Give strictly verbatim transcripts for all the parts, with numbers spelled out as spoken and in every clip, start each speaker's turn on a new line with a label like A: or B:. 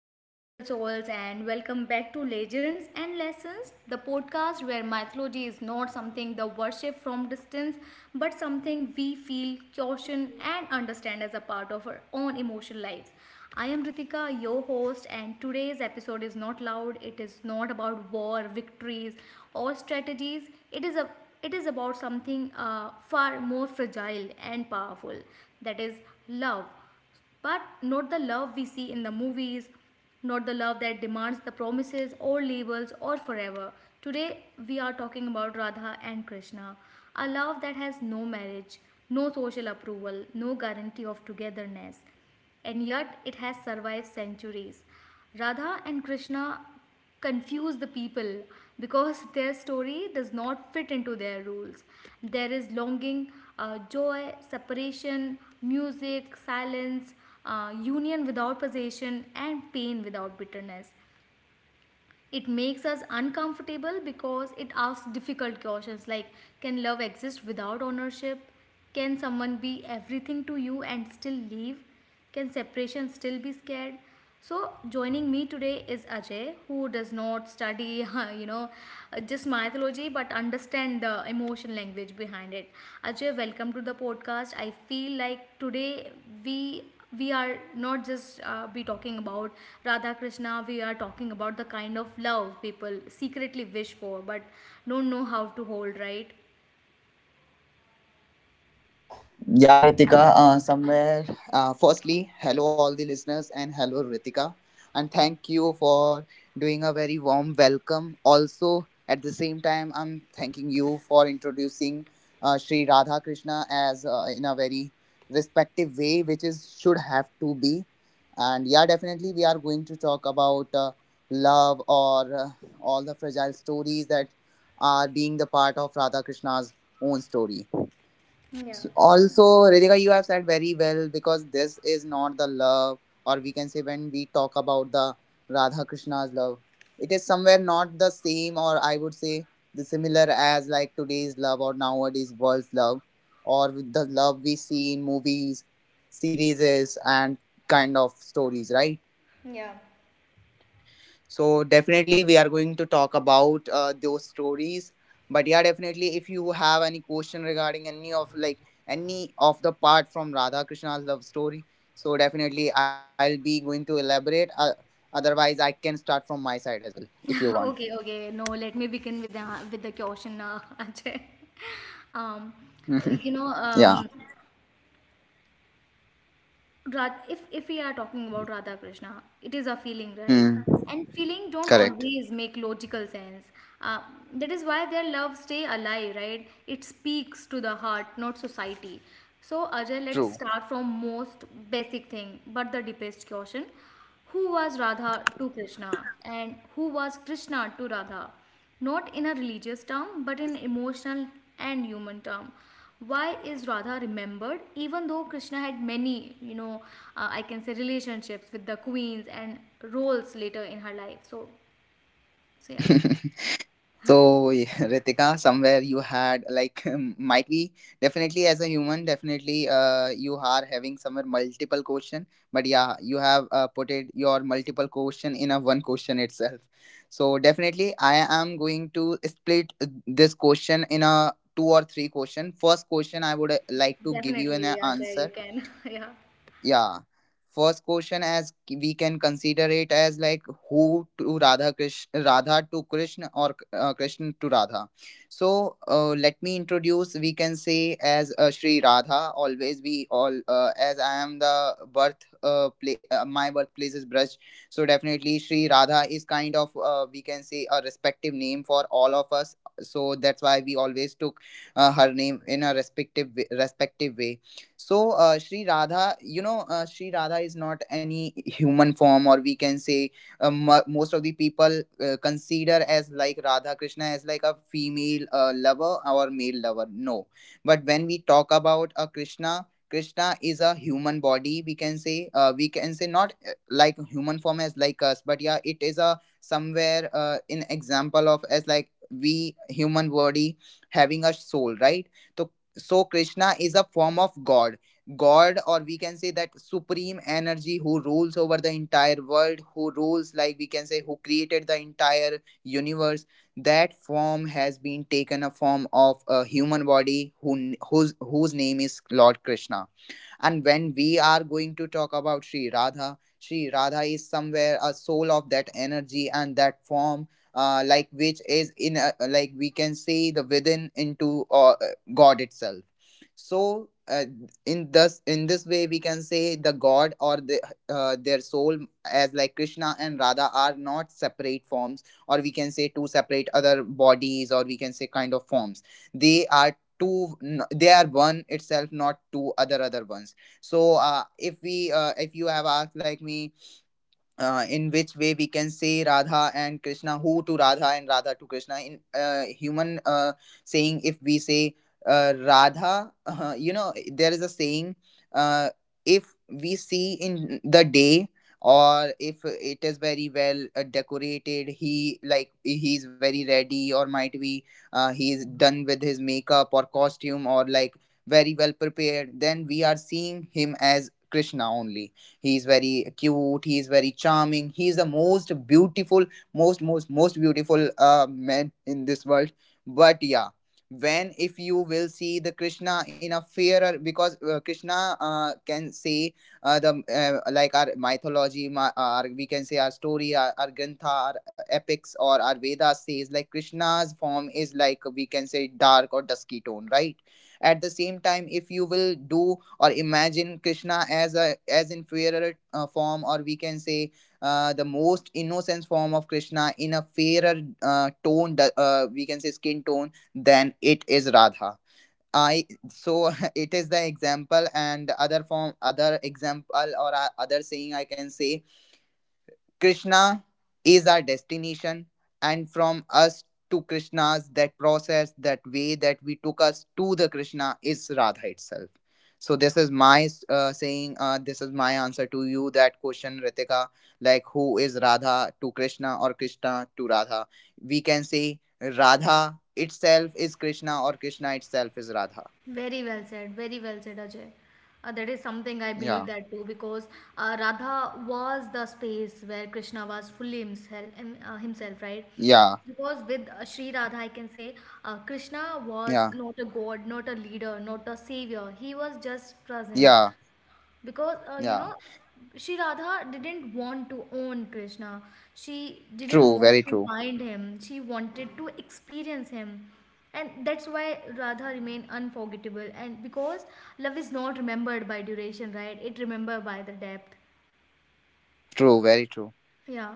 A: Hello, gentle souls, and welcome back to Legends and Lessons, the podcast where mythology is not something the worship from distance, but something we feel, caution, and understand as a part of our own emotional lives. I am Ritika, your host, and today's episode is not loud. It is not about war, victories, or strategies. It is a it is about something uh, far more fragile and powerful that is love, but not the love we see in the movies, not the love that demands the promises or labels or forever. Today, we are talking about Radha and Krishna, a love that has no marriage, no social approval, no guarantee of togetherness, and yet it has survived centuries. Radha and Krishna confuse the people because their story does not fit into their rules. There is longing, uh, joy, separation, music, silence, uh, union without possession, and pain without bitterness. It makes us uncomfortable because it asks difficult questions like, can love exist without ownership? Can someone be everything to you and still leave? Can separation still be scared? So joining me today is Ajay who does not study you know just mythology but understand the emotion language behind it. Ajay, welcome to the podcast. I feel like today we we are not just uh, be talking about Radha Krishna. We are talking about the kind of love people secretly wish for but don't know how to hold, right?
B: Yeah, Ritika, uh, somewhere. Uh, firstly, hello, all the listeners, and hello, Ritika. And thank you for doing a very warm welcome. Also, at the same time, I'm thanking you for introducing uh, Sri Radha Krishna as uh, in a very respective way, which is should have to be. And yeah, definitely, we are going to talk about uh, love or uh, all the fragile stories that are being the part of Radha Krishna's own story.
A: Yeah.
B: S- Also, Ritika, you have said very well, because this is not the love, or we can say, when we talk about the Radha Krishna's love, it is somewhere not the same, or I would say the similar as like today's love, or nowadays world's love, or the love we see in movies, series, and kind of stories, right?
A: Yeah.
B: So definitely we are going to talk about uh, those stories. But yeah, definitely, if you have any question regarding any of, like, any of the part from Radha Krishna's love story, so definitely I'll be going to elaborate. Uh, otherwise, I can start from my side as well, if you want.
A: Okay, okay, no, let me begin with the with the question now. Ajay. um you know
B: Yeah.
A: um Rad- if if we are talking about Radha Krishna, it is a feeling, right?
B: Hmm.
A: And feeling don't
B: Correct.
A: always make logical sense. Uh, that is why their love stay alive, right? It speaks to the heart, not society. So Ajay, let's
B: True.
A: start from most basic thing, but the deepest question: Who was Radha to Krishna, and who was Krishna to Radha? Not in a religious term but in emotional and human term. Why is Radha remembered even though Krishna had many, you know, uh, I can say relationships with the queens and roles later in her life? So so yeah.
B: So, Ritika, somewhere you had, like, might be, definitely, as a human, definitely, uh, you are having somewhere multiple question, but yeah, you have uh, put it your multiple question in a one question itself. So definitely, I am going to split this question in a two or three question. First question, I
A: Yeah,
B: would uh, like to give you an
A: definitely
B: uh,
A: Ajay you
B: answer.
A: can. Yeah.
B: Yeah. First question, as k- we can consider it as like, who to Radha Krishna, Radha to Krishna, or uh, Krishna to Radha. So uh, let me introduce. We can say, as uh, Sri Radha. Always we all, uh, as I am the birth, uh, pla- uh, my birthplace is Braj. So definitely, Shri Radha is kind of, uh, we can say, a respective name for all of us. So that's why we always took uh, her name in a respective respective way. So, uh, Sri Radha, you know, uh, Sri Radha is not any human form, or we can say, uh, mo- most of the people uh, consider as like Radha Krishna as like a female uh, lover or male lover. No, but when we talk about a Krishna, Krishna is a human body. We can say, uh, we can say, not uh, like human form as like us, but yeah, it is a somewhere uh, in example of as like we human body having a soul, right? So so Krishna is a form of god god, or we can say, that supreme energy who rules over the entire world, who rules, like we can say, who created the entire universe. That form has been taken a form of a human body, who whose whose name is Lord Krishna. And when we are going to talk about Sri Radha, Sri Radha is somewhere a soul of that energy and that form. Uh, like, which is in a, like we can say, the within into uh, god itself. So uh, in thus in this way, we can say the god, or the, uh, their soul, as like Krishna and Radha, are not separate forms, or we can say, two separate other bodies, or we can say, kind of forms. They are two n- they are one itself, not two other other ones. So uh, if we uh, if you have asked like me, uh, in which way we can say Radha and Krishna, who to Radha and Radha to Krishna. In uh, human uh, saying, if we say, uh, Radha, uh, you know, there is a saying, uh, if we see in the day, or if it is very well uh, decorated, he like he is very ready, or might be uh, he is done with his makeup or costume, or like, very well prepared, then we are seeing him as Krishna only. He's very cute, he's very charming, he's the most beautiful, most most most beautiful uh, man in this world. But yeah, when, if you will see the Krishna in a fairer, because uh, Krishna uh, can say, uh, the uh, like, our mythology, my, our, we can say, our story, our, our grantha, our epics, or our Vedas says, like, Krishna's form is, like we can say, dark or dusky tone, right? At the same time, if you will do, or imagine Krishna as a, as inferior uh, form, or we can say, uh, the most innocent form of Krishna in a fairer uh, tone, uh, we can say skin tone, than it is Radha. I so it is the example. And other form, other example, or uh, other saying, I can say, Krishna is our destination, and from us to Krishna's, that process, that way that we took us to the Krishna, is Radha itself. So this is my uh, saying. Uh, this is my answer to you that question, Ritika. Like, who is Radha to Krishna, or Krishna to Radha? We can say, Radha itself is Krishna, or Krishna itself is Radha.
A: Very well said. Very well said, Ajay. Uh, that is something I
B: Yeah,
A: believe that too, because uh, Radha was the space where Krishna was fully himself, him- uh, himself, right?
B: yeah,
A: Because with uh, Sri Radha, I can say uh, Krishna was
B: yeah,
A: not a god, not a leader, not a savior. He was just present,
B: yeah,
A: because uh, you
B: yeah.
A: know, Shri Radha didn't want to own Krishna. She didn't
B: True,
A: want
B: very
A: to
B: true.
A: bind him. She wanted to experience him. And that's why Radha remained unforgettable. And because love is not remembered by duration, right? It remembered by the depth.
B: True, very true.
A: Yeah.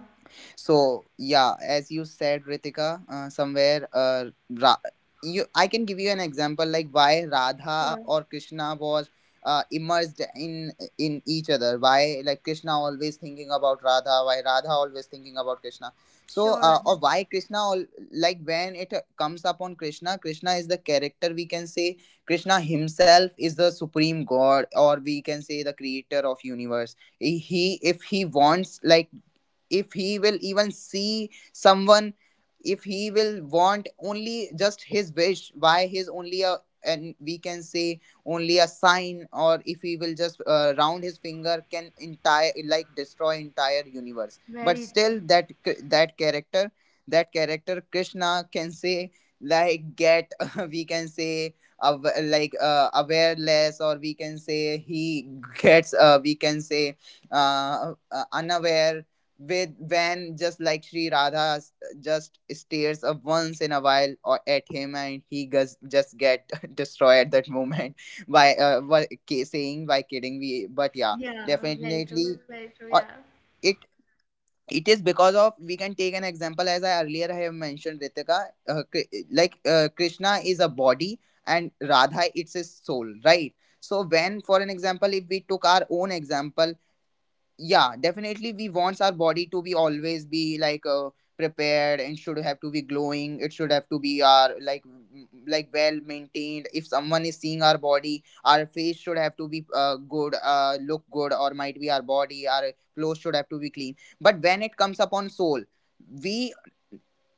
B: So yeah, as you said, Ritika, uh, somewhere uh, Ra- you, I can give you an example, like, why Radha
A: Sure.
B: or Krishna was uh, immersed in in each other. Why, like, Krishna always thinking about Radha, why Radha always thinking about Krishna. So
A: Sure,
B: uh, or
A: Rajat.
B: why Krishna al- like, when it uh, comes upon Krishna, Krishna is the character, we can say. Krishna himself is the supreme god, or we can say, the creator of universe. He he- if he wants, like, if he will even see someone, if he will want only just his wish, why his only a, and we can say, only a sign, or if he will just uh, round his finger, can entire like destroy entire universe. But
A: Very true.
B: still, that that character that character Krishna, can say, like, get we can say, aw- like uh, awareness, or we can say, he gets uh, we can say, uh, uh, unaware with, when just like Sri Radha s- just stares up once in a while, or at him, and he gus- just get destroyed at that moment by uh, by ki- saying, by kidding we, but yeah,
A: Yeah, very true,
B: definitely
A: very true. Yeah.
B: uh, it it is because of, we can take an example, as I earlier have mentioned, Ritika, uh, Kri- like uh, Krishna is a body, and Radha, it's his soul, right? So when, for an example, if we took our own example, yeah, definitely, we wants our body to be always be like uh, prepared, and should have to be glowing, it should have to be our, like, m- like well maintained. If someone is seeing our body, our face should have to be uh, good, uh, look good, or might be our body, our clothes should have to be clean. But when it comes upon soul, we,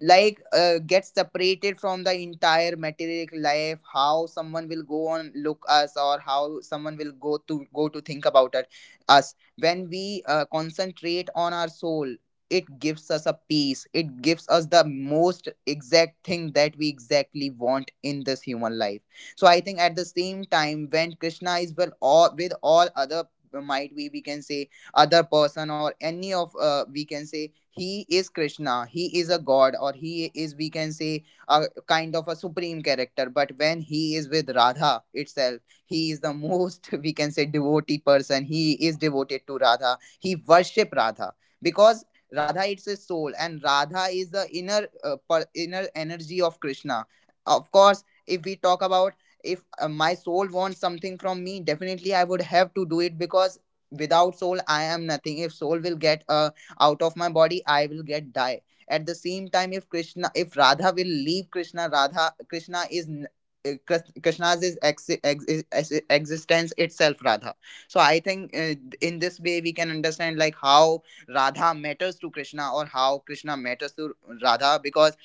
B: like uh, get separated from the entire material life, how someone will go on look us, or how someone will go to go to think about it, us. When we uh, concentrate on our soul, it gives us a peace, it gives us the most exact thing that we exactly want in this human life. So I think, at the same time, when Krishna is well all with all other, might we we can say, other person, or any of, uh, we can say, he is Krishna, he is a god, or he is, we can say, a kind of a supreme character. But when he is with Radha itself, he is the most, we can say, devotee person, he is devoted to Radha, he worship Radha, because Radha, it's his soul, and Radha is the inner uh, per, inner energy of Krishna. Of course, if we talk about, if uh, my soul wants something from me, definitely I would have to do it, because without soul I am nothing. If soul will get uh, out of my body, I will get die. At the same time, if Krishna, if Radha will leave Krishna, Radha, Krishna is n- uh, Kras- Krishna's is ex- ex- ex- existence itself, Radha. So I think uh, in this way we can understand, like, how Radha matters to Krishna, or how Krishna matters to Radha. Because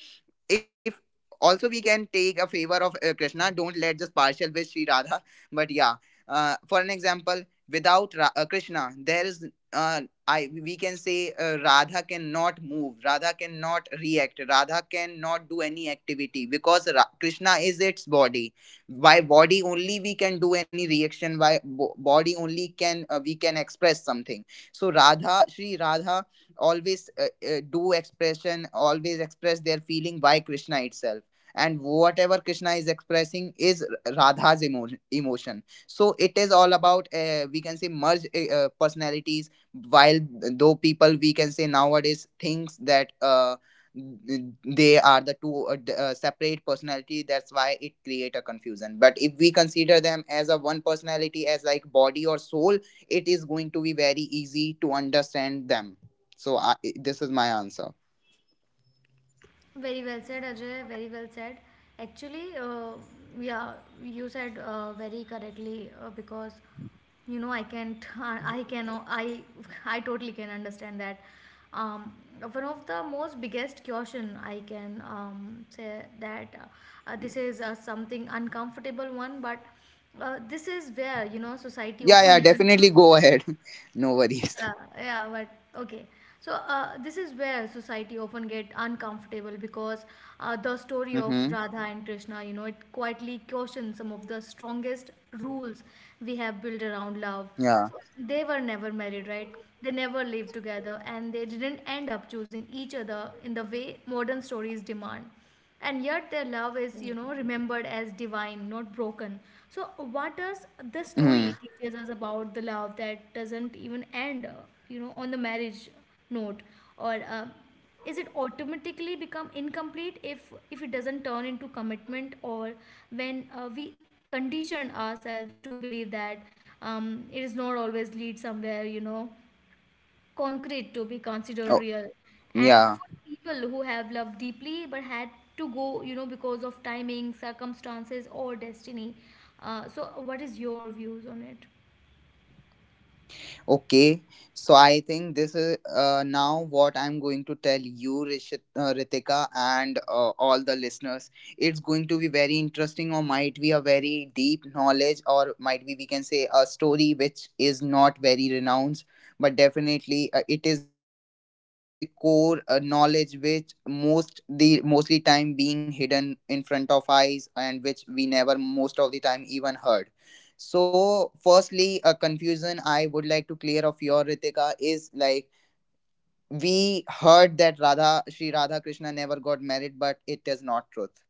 B: if, also we can take a favor of, uh, Krishna don't let just partial with Sri Radha, but yeah, uh, for an example, without Ra- uh, krishna, there is, uh, I we can say, uh, Radha cannot move, Radha cannot react, Radha cannot do any activity, because Ra- krishna is its body. By body only we can do any reaction, by bo- body only can uh, we can express something. So Radha, Sri Radha, always uh, uh, do expression, always express their feeling by Krishna itself. And whatever Krishna is expressing is Radha's emo- emotion. So it is all about uh, we can say merge uh, uh, personalities. While though people, we can say, nowadays thinks that uh, they are the two uh, d- uh, separate personality, that's why it create a confusion. But if we consider them as a one personality, as like body or soul, it is going to be very easy to understand them. So I, this is my answer.
A: Very well said, Ajay. Very well said. Actually, uh, yeah, you said uh, very correctly uh, because you know, I can't, I can, I, I totally can understand that. Um, one of the most biggest caution I can um, say that uh, uh, this is uh, something uncomfortable one, but uh, this is where you know society
B: Yeah, yeah,
A: often.
B: definitely go ahead. No worries.
A: Yeah, yeah, but okay. So uh, this is where society often get uncomfortable because uh, the story of
B: Mm-hmm.
A: Radha and Krishna, you know, it quietly questions some of the strongest rules we have built around love.
B: Yeah.
A: So they were never married, right? They never lived together, and they didn't end up choosing each other in the way modern stories demand, and yet their love is, you know, remembered as divine, not broken. So what does this story
B: Mm-hmm.
A: teaches us about the love that doesn't even end uh, you know on the marriage note? Or uh, is it automatically become incomplete if if it doesn't turn into commitment? Or when uh, we condition ourselves to believe that um, it is not always lead somewhere you know concrete to be considered
B: Oh,
A: real. And
B: yeah.
A: for the people who have loved deeply but had to go, you know, because of timing, circumstances, or destiny, uh, so what is your views on it?
B: Okay, so I think this is uh, now what I'm going to tell you, Rishit, uh, Ritika, and uh, all the listeners. It's going to be very interesting, or might be a very deep knowledge, or might be we can say a story which is not very renowned, but definitely uh, it is the uh, we can say core uh, knowledge which most the mostly time being hidden in front of eyes and which we never most of the time even heard. So, firstly, a confusion I would like to clear of your Ritika is like we heard that Radha Sri Radha Krishna never got married, but it is not truth.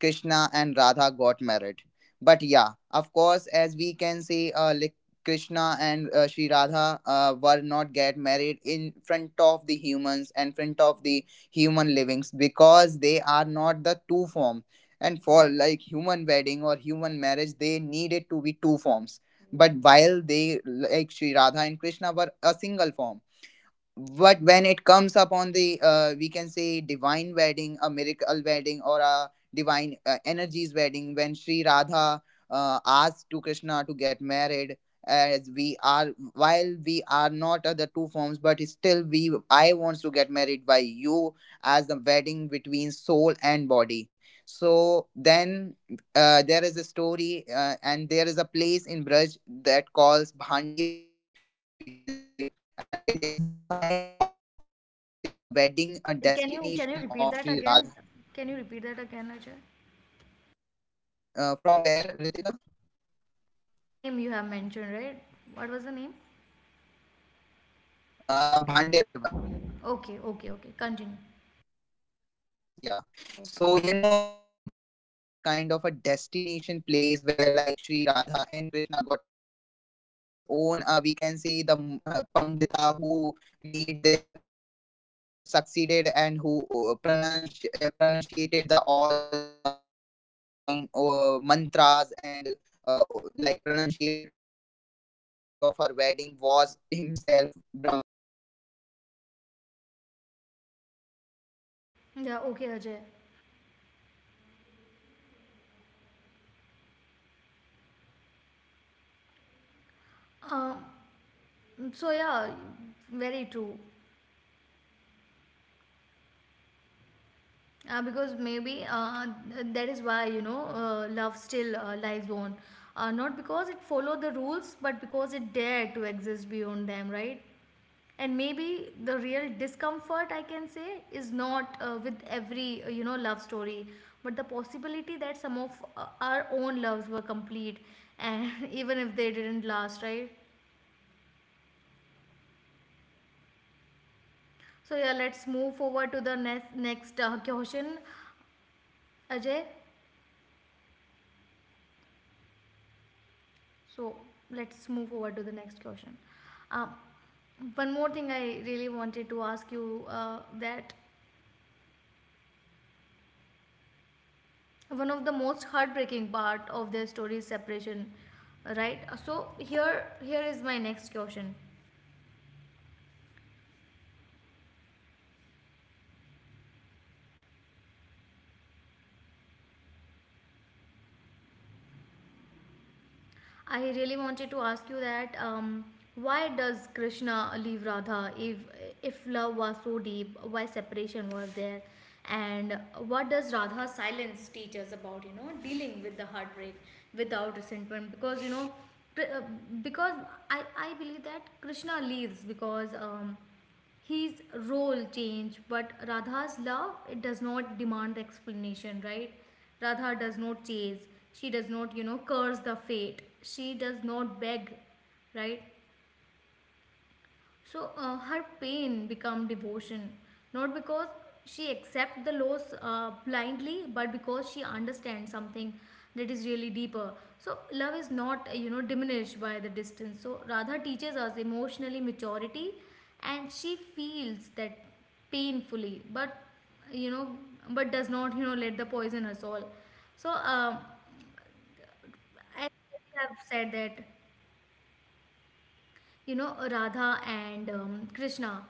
B: Krishna and Radha got married. But yeah, of course, as we can see, uh, like Krishna and uh, Sri Radha uh, were not get married in front of the humans and front of the human livings, because they are not the two form. And for like human wedding or human marriage, they needed to be two forms. But while they like Sri Radha and Krishna were a single form, but when it comes upon the uh, we can say divine wedding, a miracle wedding, or a divine uh, energies wedding, when Sri Radha uh, asked to Krishna to get married as we are, while we are not other two forms, but still we I wants to get married by you, as the wedding between soul and body. So then uh, there is a story uh, and there is a place in Braj that calls Bhandirvan one, uh, we can say, and it is the sign of, or we can say the wedding uh,
A: Okay, can you can you
B: destination
A: repeat
B: of
A: that
B: Sri
A: again?
B: Radha.
A: Can you repeat that again, Ajay?
B: Uh, from where, Ritika?
A: The name you have mentioned, right? What was the name?
B: Uh, Bhandervan.
A: Okay, okay, okay, continue.
B: Yeah. So, you know, Bhandir one was kind of a destination place where like Sri Radha and Krishna got married, and his own, uh, we can say, the mm, uh, Pandita who made their uh, marriage uh, succeeded, and who uh, pronunci- uh, pronunciated the all, uh, we can say, divine uh, mantras, and uh, like pronunciate all the ma- uh, mantras of her wedding was himself Brahma, Lord Brahma, who is the, we can say, creator of this world
A: Yeah,
B: or
A: okay,
B: the
A: Ajay.
B: universe or any creature. So he himself was a pandita, as ro- played a role of pandita in uh, Sri Radha and
A: um,
B: Krishna's wedding. But
A: so
B: yeah, when
A: yeah,
B: it comes upon the
A: very
B: human
A: true.
B: wedding, why like Krishna or we can say Sri Radha uh,
A: Uh,
B: hidden
A: because
B: their
A: maybe
B: divine
A: uh,
B: wedding,
A: th-
B: why
A: that is
B: they
A: why
B: did
A: you know
B: not
A: uh,
B: wanted to
A: love
B: let
A: still uh,
B: her
A: lives
B: divine
A: on,
B: wedding comes
A: uh,
B: uh,
A: not
B: up in
A: because it
B: front of
A: followed the
B: human
A: rules,
B: eye?
A: but because it
B: Because
A: dared to
B: uh,
A: exist
B: somewhere
A: beyond them,
B: uh,
A: right?
B: there is a another
A: And maybe
B: story,
A: the real
B: because uh,
A: discomfort
B: Sri
A: I can say
B: Radha
A: is
B: uh,
A: not
B: Radha's
A: uh, with every uh, you know love
B: another
A: story,
B: form of
A: but the
B: we can say
A: possibility that some of
B: uh,
A: uh,
B: want
A: our
B: uh,
A: own
B: needed
A: loves
B: to
A: were
B: be get
A: complete,
B: married by another
A: and
B: one
A: even if
B: another
A: they didn't
B: person.
A: last, right?
B: Are you able to hear me, Ritika?
A: So yeah, let's move forward to the next next uh,
B: Hello,
A: question,
B: Ritika, are you able to hear me?
A: Ajay. So let's move over to the next question. Um, one more thing I really wanted to ask you uh, that one of the most heartbreaking part of their story is separation, right? So here here is my next question. I really wanted to ask you that um, why does Krishna leave Radha if if love was so deep? Why separation was there? And what does Radha's silence teach us about you know dealing with the heartbreak without resentment? Because you know, uh, because I I believe that Krishna leaves because um, his role changed, but Radha's love, it does not demand the explanation, right? Radha does not chase. She does not, you know, curse the fate. She does not beg, right? So uh, her pain become devotion, not because she accept the loss uh, blindly, but because she understands something that is really deeper. So love is not uh, you know diminished by the distance. So Radha teaches us emotionally maturity, and she feels that painfully, but you know, but does not you know let the poison her soul. So um, I have said that you know Radha and um, Krishna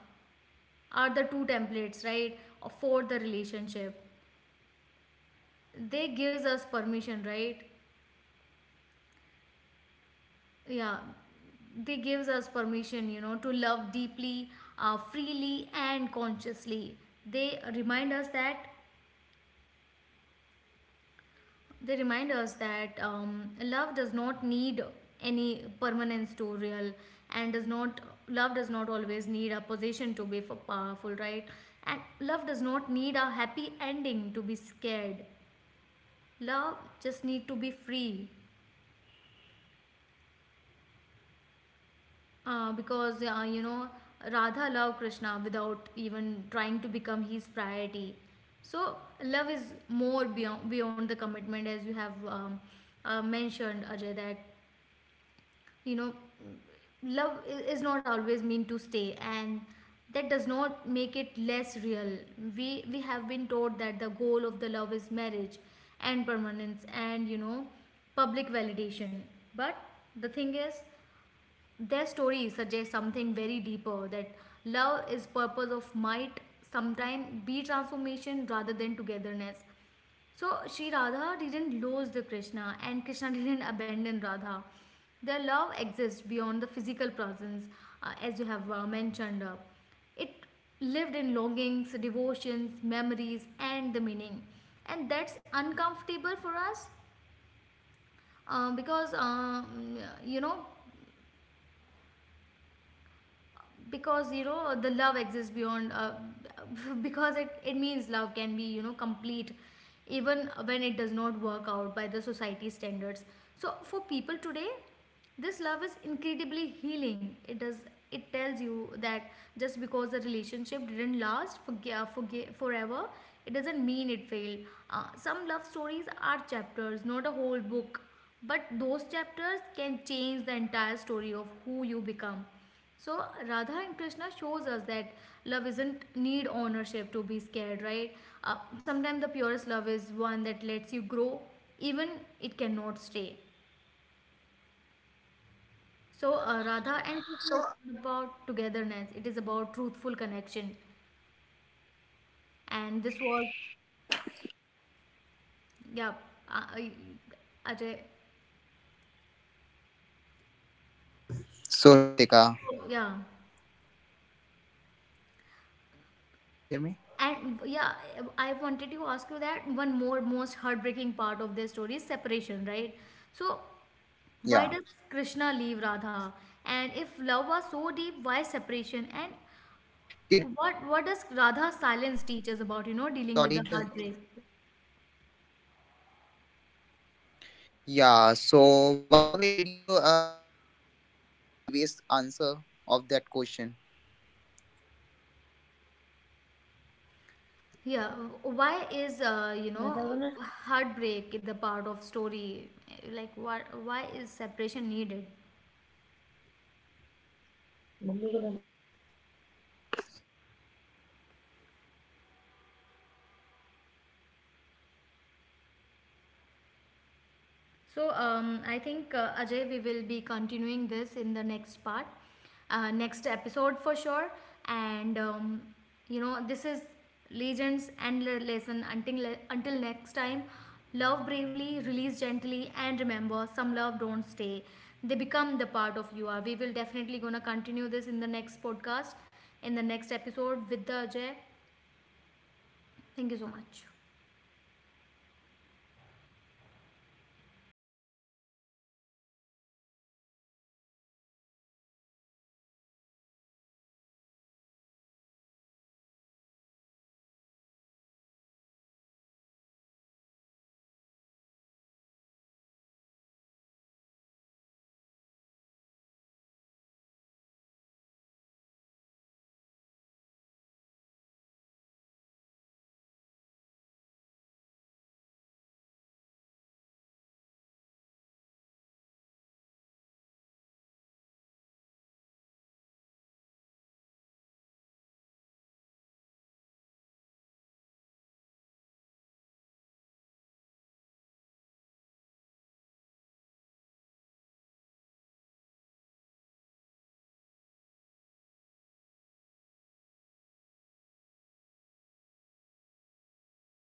A: are the two templates, right, for the relationship. They gives us permission, right? Yeah, they gives us permission, you know, to love deeply, uh, freely, and consciously. They remind us that they remind us that um, love does not need any permanence to real, and does not, love does not always need a position to be f- powerful, right? And love does not need a happy ending to be scared. Love just need to be free. Uh, because uh, you know, Radha loved Krishna without even trying to become his priority. So love is more beyond beyond the commitment, as you have um, uh, mentioned, Ajay. That you know, love i- is not always meant to stay, and that does not make it less real. We we have been taught that the goal of the love is marriage, and permanence, and you know, public validation. But the thing is, their story suggests something very deeper, that love is purpose of might sometimes be transformation rather than togetherness. So Sri Radha didn't lose the Krishna and Krishna didn't abandon Radha. Their love exists beyond the physical presence uh, as you have uh, mentioned. Uh, it lived in longings, devotions, memories, and the meaning. And that's uncomfortable for us uh, because, um, you know, because you know the love exists beyond uh, because it, it means love can be you know complete even when it does not work out by the society standards. So for people today, this love is incredibly healing. It does, it tells you that just because the relationship didn't last for, uh, for forever, it doesn't mean it failed. Uh, some love stories are chapters, not a whole book, but those chapters can change the entire story of who you become. So Radha and Krishna shows us that love isn't need ownership to be scared, right? Uh, sometimes the purest love is one that lets you grow, even it cannot stay. So uh, Radha and Krishna is not about togetherness. It is about truthful connection, and this was, yeah, uh, I- Ajay,
C: So hey Ritika,
A: yeah.
C: yeah, are you able to hear me?
A: And yeah, I wanted to ask you that one more most heartbreaking part of this story is separation, right? So why does
C: Yeah,
A: Krishna leave
C: yeah.
A: Radha? And if love was so deep, why separation? And
C: Did you find, by
A: what
C: the way?
A: what does Radha's silence teach us
C: Sorry
A: about you
C: to.
A: know dealing with the heartbreak?
C: Yeah. So by the way, did you uh, like find your previous answer of that question?
A: Yeah, why is uh, you know heartbreak the part of story? Like what? Why is separation needed? So um, I think uh, Ajay, we will be continuing this in the next part, uh, next episode for sure. And um, you know, this is Legends and Le- Lesson. Until le- until next time, love bravely, release gently, and remember, some love don't stay. They become the part of you are. We will definitely gonna continue this in the next podcast, in the next episode with the Ajay. Thank you so much.